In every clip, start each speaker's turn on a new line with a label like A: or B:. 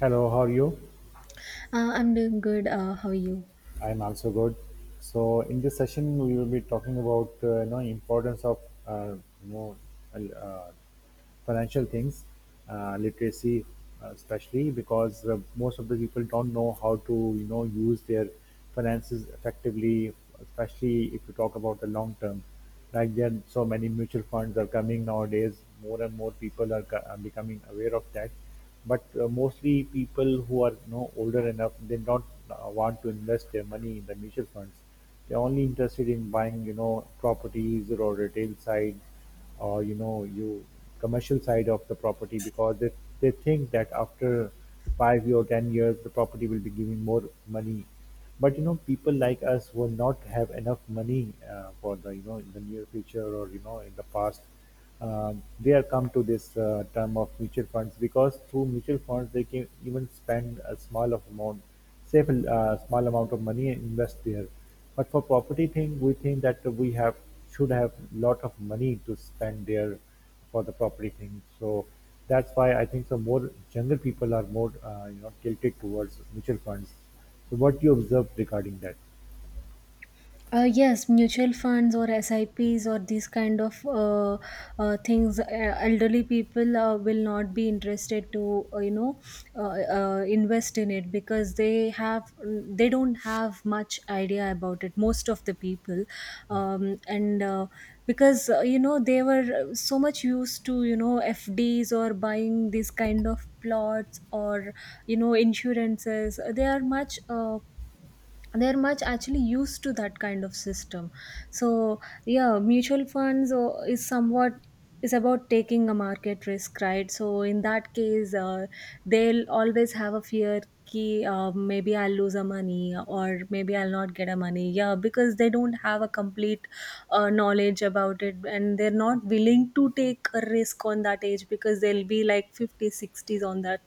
A: Hello, how are you?
B: I'm doing good. How are you?
A: I'm also good. So in this session, we will be talking about importance of uh, you know uh, uh, financial things, literacy, especially because most of the people don't know how to use their finances effectively, especially if you talk about the long term, like there are so many mutual funds are coming nowadays. More and more people are, are becoming aware of that, but mostly people who are older enough, they don't want to invest their money in the mutual funds. They're only interested in buying properties or retail side, or you know you commercial side of the property because they think that after 5 year or 10 years the property will be giving more money. But you know, people like us will not have enough money for the you know in the near future or in the past. uh, they are come to this term of mutual funds because through mutual funds they can even spend a small of amount, save a small amount of money and invest there. But for property thing, we think that we have should have lot of money to spend there for the property thing. So that's why I think so more younger people are more tilted towards mutual funds. So what do you observe regarding that?
B: Yes, mutual funds or SIPs or these kind of things, elderly people will not be interested to you know, invest in it, because they don't have much idea about it. Most of the people, and because you know, they were so much used to FDs or buying these kind of plots or insurances. They are much. They're much actually used to that kind of system. So, yeah, mutual funds is about taking a market risk, right? So in that case, they'll always have a fear, ki, maybe I'll lose a money or maybe I'll not get a money, yeah, because they don't have a complete knowledge about it, and they're not willing to take a risk on that age, because they'll be like 50 60s on that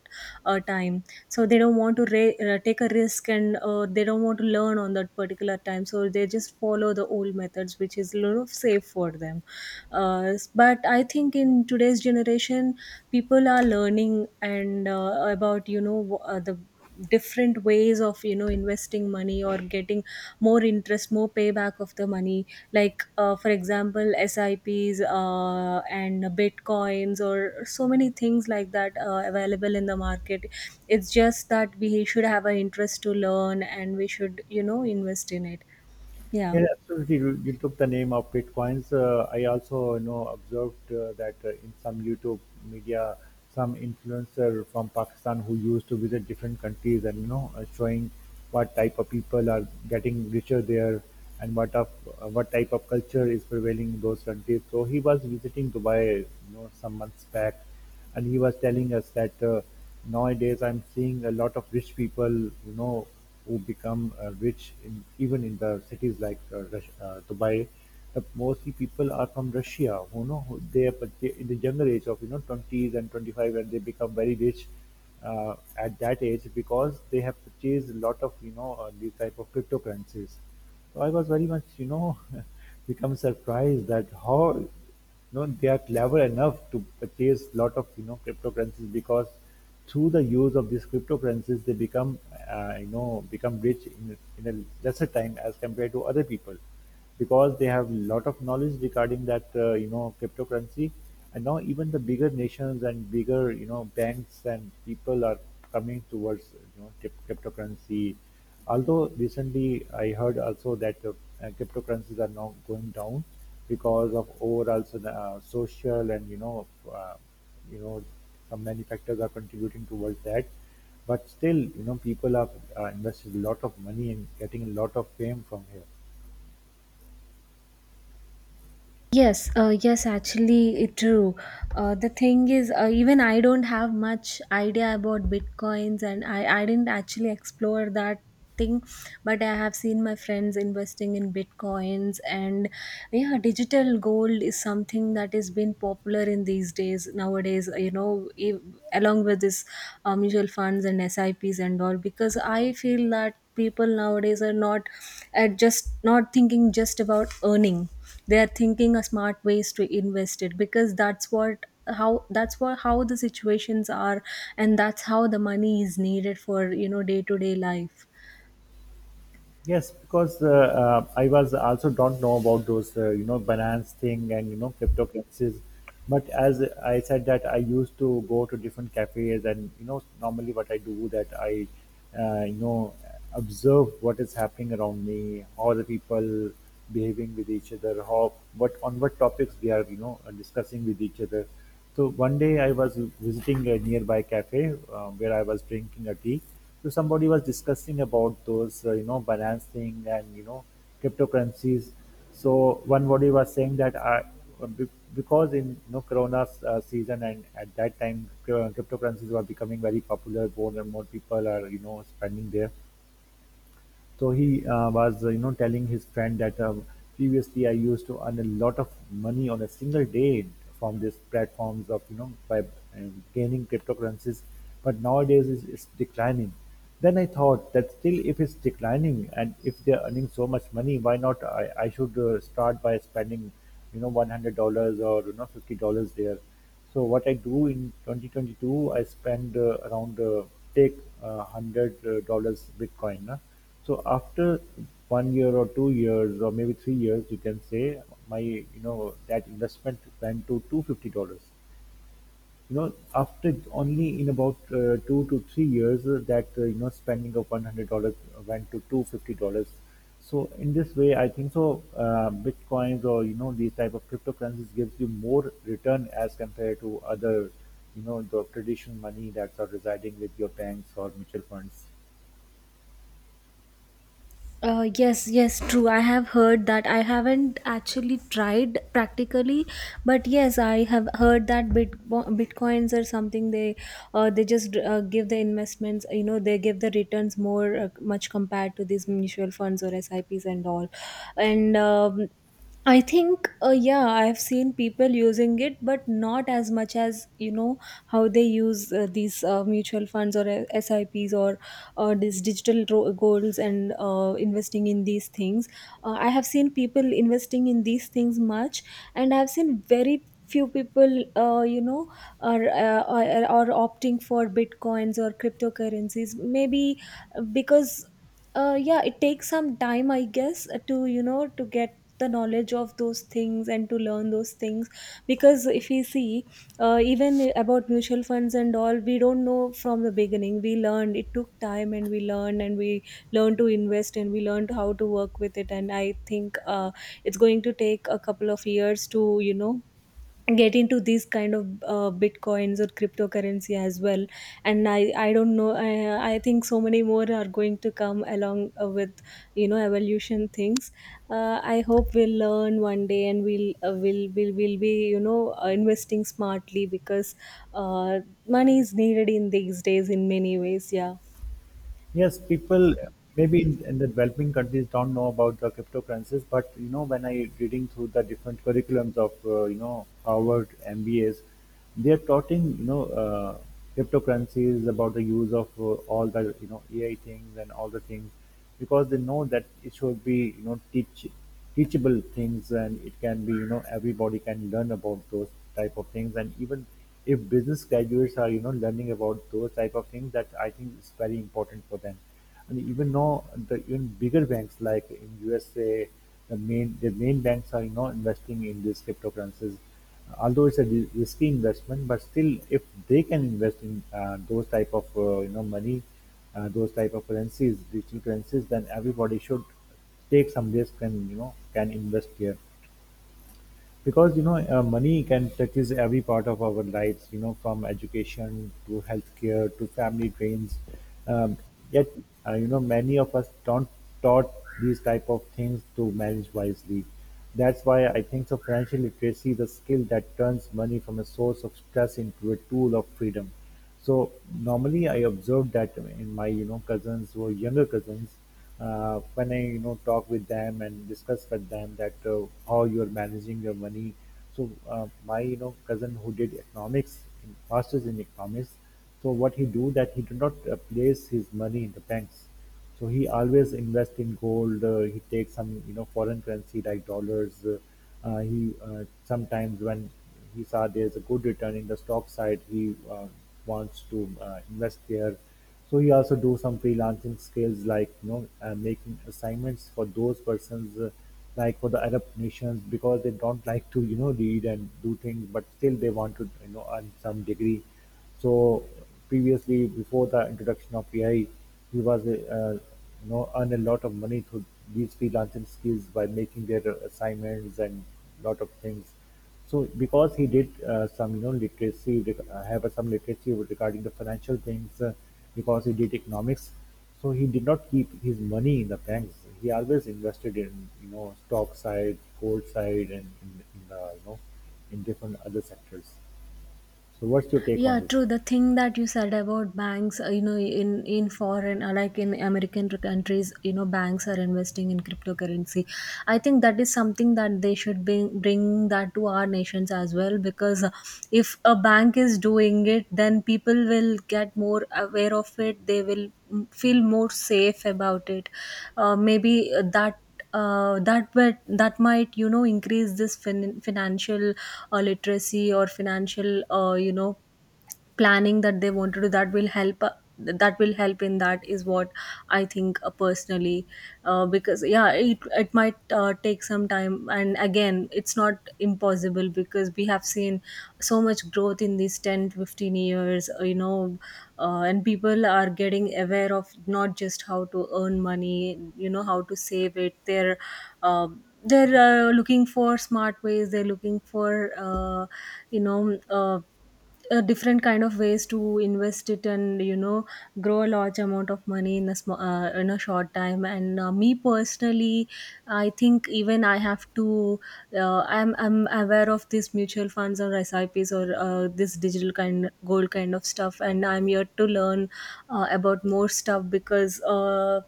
B: time. So they don't want to take a risk, and they don't want to learn on that particular time, so they just follow the old methods, which is a little safe for them. But I think in today's generation, people are learning and about the different ways of investing money, or getting more interest, more payback of the money, like, for example, SIPs and bitcoins or so many things like that, available in the market. It's just that we should have an interest to learn, and we should invest in it. Yeah.
A: Yeah, absolutely. You took the name of bitcoins. I also, you know, observed that in some YouTube media, some influencer from Pakistan who used to visit different countries and you know, showing what type of people are getting richer there and what of what type of culture is prevailing in those countries. So he was visiting Dubai, you know, some months back, and he was telling us that nowadays I'm seeing a lot of rich people, you know, who become rich even in the cities like Dubai. The mostly people are from Russia, who know they are but they- in the younger age of you know 20s and 25, and they become very rich at that age because they have purchased a lot of these type of cryptocurrencies. So I was very much you know become surprised that how you know they are clever enough to purchase lot of you know cryptocurrencies, because through the use of these cryptocurrencies they become become rich in a lesser time as compared to other people, because they have lot of knowledge regarding that cryptocurrency. And now even the bigger nations and bigger, you know, banks and people are coming towards, you know, cryptocurrency. Although recently I heard also that cryptocurrencies are now going down because of overall social and, you know, you know, some manufacturers are contributing towards that. But still, you know, people are invested a lot of money and getting a lot of fame from here.
B: Yes, actually, it true. The thing is, even I don't have much idea about bitcoins, and I didn't actually explore that thing, but I have seen my friends investing in bitcoins, and yeah, digital gold is something that has been popular in these days nowadays. Along with this mutual funds and S I Ps and all, because I feel that people nowadays are not at just not thinking just about earning. They are thinking a smart ways to invest it, because how that's what how the situations are, and that's how the money is needed for day to day life.
A: Yes, because I was also don't know about those, you know, Binance thing and you know cryptocurrencies. But as I said that I used to go to different cafes, and you know normally what I do that you know, observe what is happening around me, how the people behaving with each other, how what on what topics they are you know discussing with each other. So one day I was visiting a nearby cafe where I was drinking a tea. So somebody was discussing about those, you know, Binance thing and you know, cryptocurrencies. So one body was saying that be- because in you know Corona season and at that time cryptocurrencies were becoming very popular, more and more people are you know spending there. So he you know, telling his friend that previously I used to earn a lot of money on a single day from these platforms of, you know, by gaining cryptocurrencies, but nowadays it's declining. Then I thought that still, if it's declining and if they're earning so much money, why not I should start by spending, you know, $100 or you know $50 there. So what I do in 2022, I spend around take hundred dollars Bitcoin. Na. So after 1 year or 2 years or maybe 3 years, you can say my you know that investment went to $250, you know, after only in about 2 to 3 years, that you know spending of $100 went to $250. So in this way, I think so. Bitcoins or you know these type of cryptocurrencies gives you more return as compared to other, you know, the traditional money that's are residing with your banks or mutual funds.
B: Yes, yes, true. I have heard that. I haven't actually tried practically, but yes, I have heard that bitcoins or something, they just give the investments. They give the returns more much compared to these mutual funds or SIPs and all. And I think, yeah, I've seen people using it, but not as much as you know how they use these mutual funds or SIPs or these digital goals and investing in these things. I have seen people investing in these things much, and I have seen very few people uh, you know are opting for bitcoins or cryptocurrencies, maybe because yeah, it takes some time, I guess, to get the knowledge of those things and to learn those things. Because if you see, even about mutual funds and all, we don't know from the beginning. We learned, it took time, and we learned, and we learned to invest, and we learned how to work with it. And I think it's going to take a couple of years to you know get into these kind of bitcoins or cryptocurrency as well. And I don't know, I think so many more are going to come along with evolution things. I hope we'll learn one day, and we'll will be investing smartly, because uh, money is needed in these days in many ways. Yeah.
A: Yes, people maybe in the developing countries don't know about the cryptocurrencies, but you know, when I reading through the different curriculums of you know Harvard MBAs, they are taught in you know cryptocurrencies about the use of all the you know AI things and all the things, because they know that it should be you know teachable things, and it can be you know everybody can learn about those type of things. And even if business graduates are you know learning about those type of things, that I think is very important for them. And even now the even bigger banks like in USA, the main banks are you know investing in these cryptocurrencies. Although it's a risky investment, but still if they can invest in those type of money, those type of currencies, digital currencies, then everybody should take some risk and you know can invest here. Because you know money can touches every part of our lives, you know, from education to healthcare to family drains. um, Yet you know many of us don't taught these type of things to manage wisely. That's why I think so, financial literacy is a skill that turns money from a source of stress into a tool of freedom. So normally I observed that in my you know cousins who are younger cousins, when I you know talk with them and discuss with them that how you are managing your money. So my you know cousin who did economics, masters in economics. So what he do that he do not place his money in the banks. So he always invest in gold. He takes some you know foreign currency like dollars. He sometimes when he saw there's a good return in the stock side, he wants to invest there. So you also do some freelancing skills like you know making assignments for those persons like for the Arab nations because they don't like to you know read and do things, but still they want to you know earn some degree. So previously before the introduction of AI, he was you know earn a lot of money through these freelancing skills by making their assignments and lot of things. So because he did some, you know, literacy, have some literacy regarding the financial things, because he did economics, so he did not keep his money in the banks. He always invested in, you know, stock side, gold side, and in in different other sectors. So what's your take on
B: Yeah,
A: this?
B: true. The thing that you said about banks, in foreign, like in American countries, banks are investing in cryptocurrency. I think that is something that they should bring that to our nations as well. Because if a bank is doing it, then people will get more aware of it. They will feel more safe about it. Maybe that. That But that might increase this financial literacy or financial you know, planning, that they want to do. That will help in, that is what I think, personally. Because, yeah, it might take some time, and again, it's not impossible, because we have seen so much growth in these 10 to 15 years. And people are getting aware of not just how to earn money, how to save it. They're uh, looking for smart ways. They're looking for you know uh, different kind of ways to invest it, and grow a large amount of money in in a short time. And me personally, I think even I have to I'm aware of these mutual funds or sips or this digital kind gold kind of stuff, and I'm here to learn about more stuff, because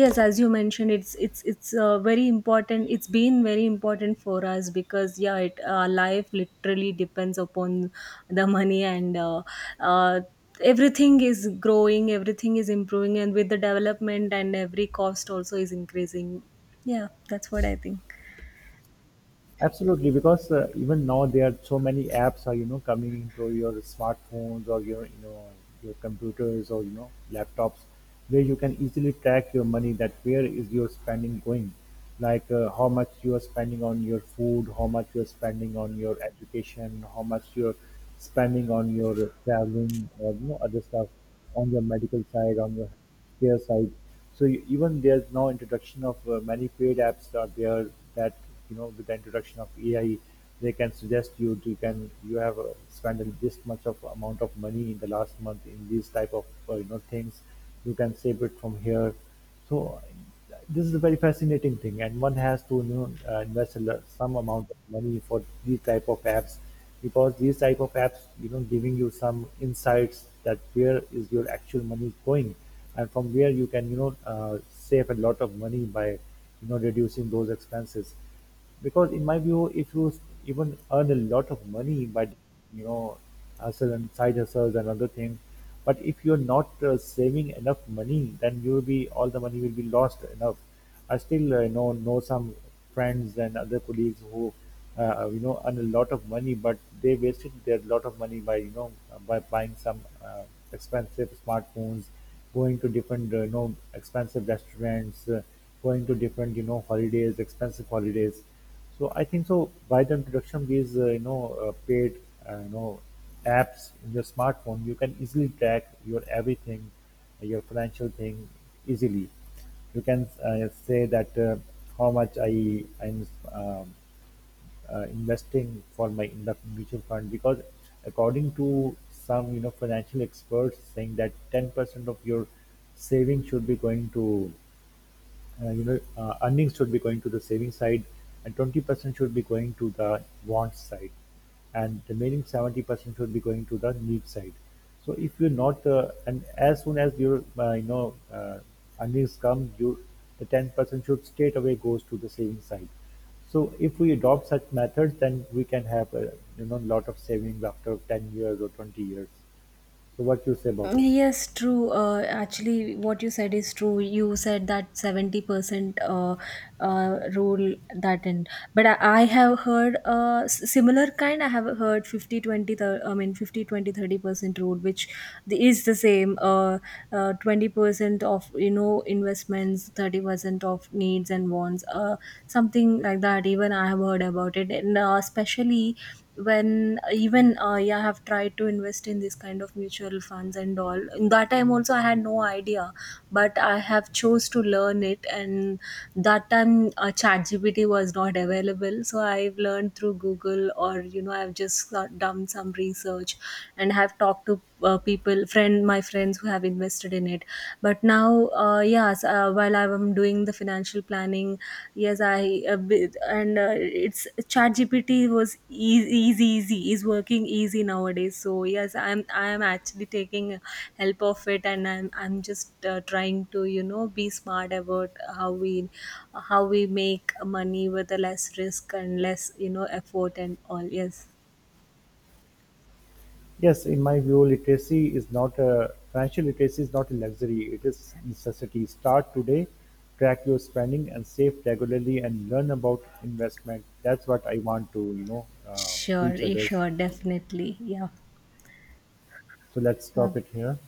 B: yes, as you mentioned, it's very important. It's been very important for us, because yeah, our life literally depends upon the money. And uh, everything is growing, everything is improving, and with the development and every cost also is increasing. Yeah, that's what I think.
A: Absolutely, because even now there are so many apps are you know coming into your smartphones or your you know your computers or you know laptops, where you can easily track your money that where is your spending going, like how much you are spending on your food, how much you are spending on your education, how much you're spending on your traveling or you know other stuff, on your medical side on your their side. So even there's now introduction of many paid apps are there, that you know with the introduction of AI, they can suggest you to can you have spent this much of amount of money in the last month in these type of things. You can save it from here. So this is a very fascinating thing, and one has to you know, invest a some amount of money for these type of apps, because these type of apps, you know, giving you some insights that where is your actual money going, and from where you can you know save a lot of money by you know reducing those expenses. Because in my view, if you even earn a lot of money by you know hustle and side hustles and other things, but if you're not saving enough money, then you will be all the money will be lost enough. I still know some friends and other colleagues who you know earn a lot of money, but they wasted their lot of money by you know by buying some expensive smartphones, going to different you know expensive restaurants. Going to different you know holidays, expensive holidays. So I think so, by the introduction of these paid uh, you know apps in your smartphone, you can easily track your everything, your financial thing easily. You can say that how much I am um, investing for my in the mutual fund, because according to some you know financial experts saying that 10% of your savings should be going to earnings should be going to the saving side, and 20% should be going to the want side, and remaining 70% should be going to the need side. So if you're not, and as soon as your earnings come, you the 10% should straight away goes to the saving side. So if we adopt such methods, then we can have a you know lot of savings after 10 years or 20 years. So what you say about this?
B: Yes, true. Actually, what you said is true. You said that 70% rule that end. But I have heard similar kind. I have heard I mean, 50 20 30% rule, which is the same. 20% of, investments, 30% of needs and wants, something like that. Even I have heard about it. And especially when even yeah, I have tried to invest in this kind of mutual funds and all. In that time also, I had no idea, but I have chose to learn it. And that time, ChatGPT was not available, so I've learned through Google or I've just done some research, and have talked to people, my friends, who have invested in it. But now, yes, while I'm doing the financial planning, yes, I bi- and it's ChatGPT was easy is working easy nowadays. So yes, I'm actually taking help of it, and I'm just trying to be smart about how we how we make money with a less risk and less effort and all. Yes,
A: Yes, in my view, literacy is not a financial literacy is not a luxury; it is necessity. Start today, track your spending and save regularly, and learn about investment. That's what I want to, you know,
B: sure,
A: teach others.
B: sure, definitely, yeah.
A: So let's
B: Uh,
A: stop it here.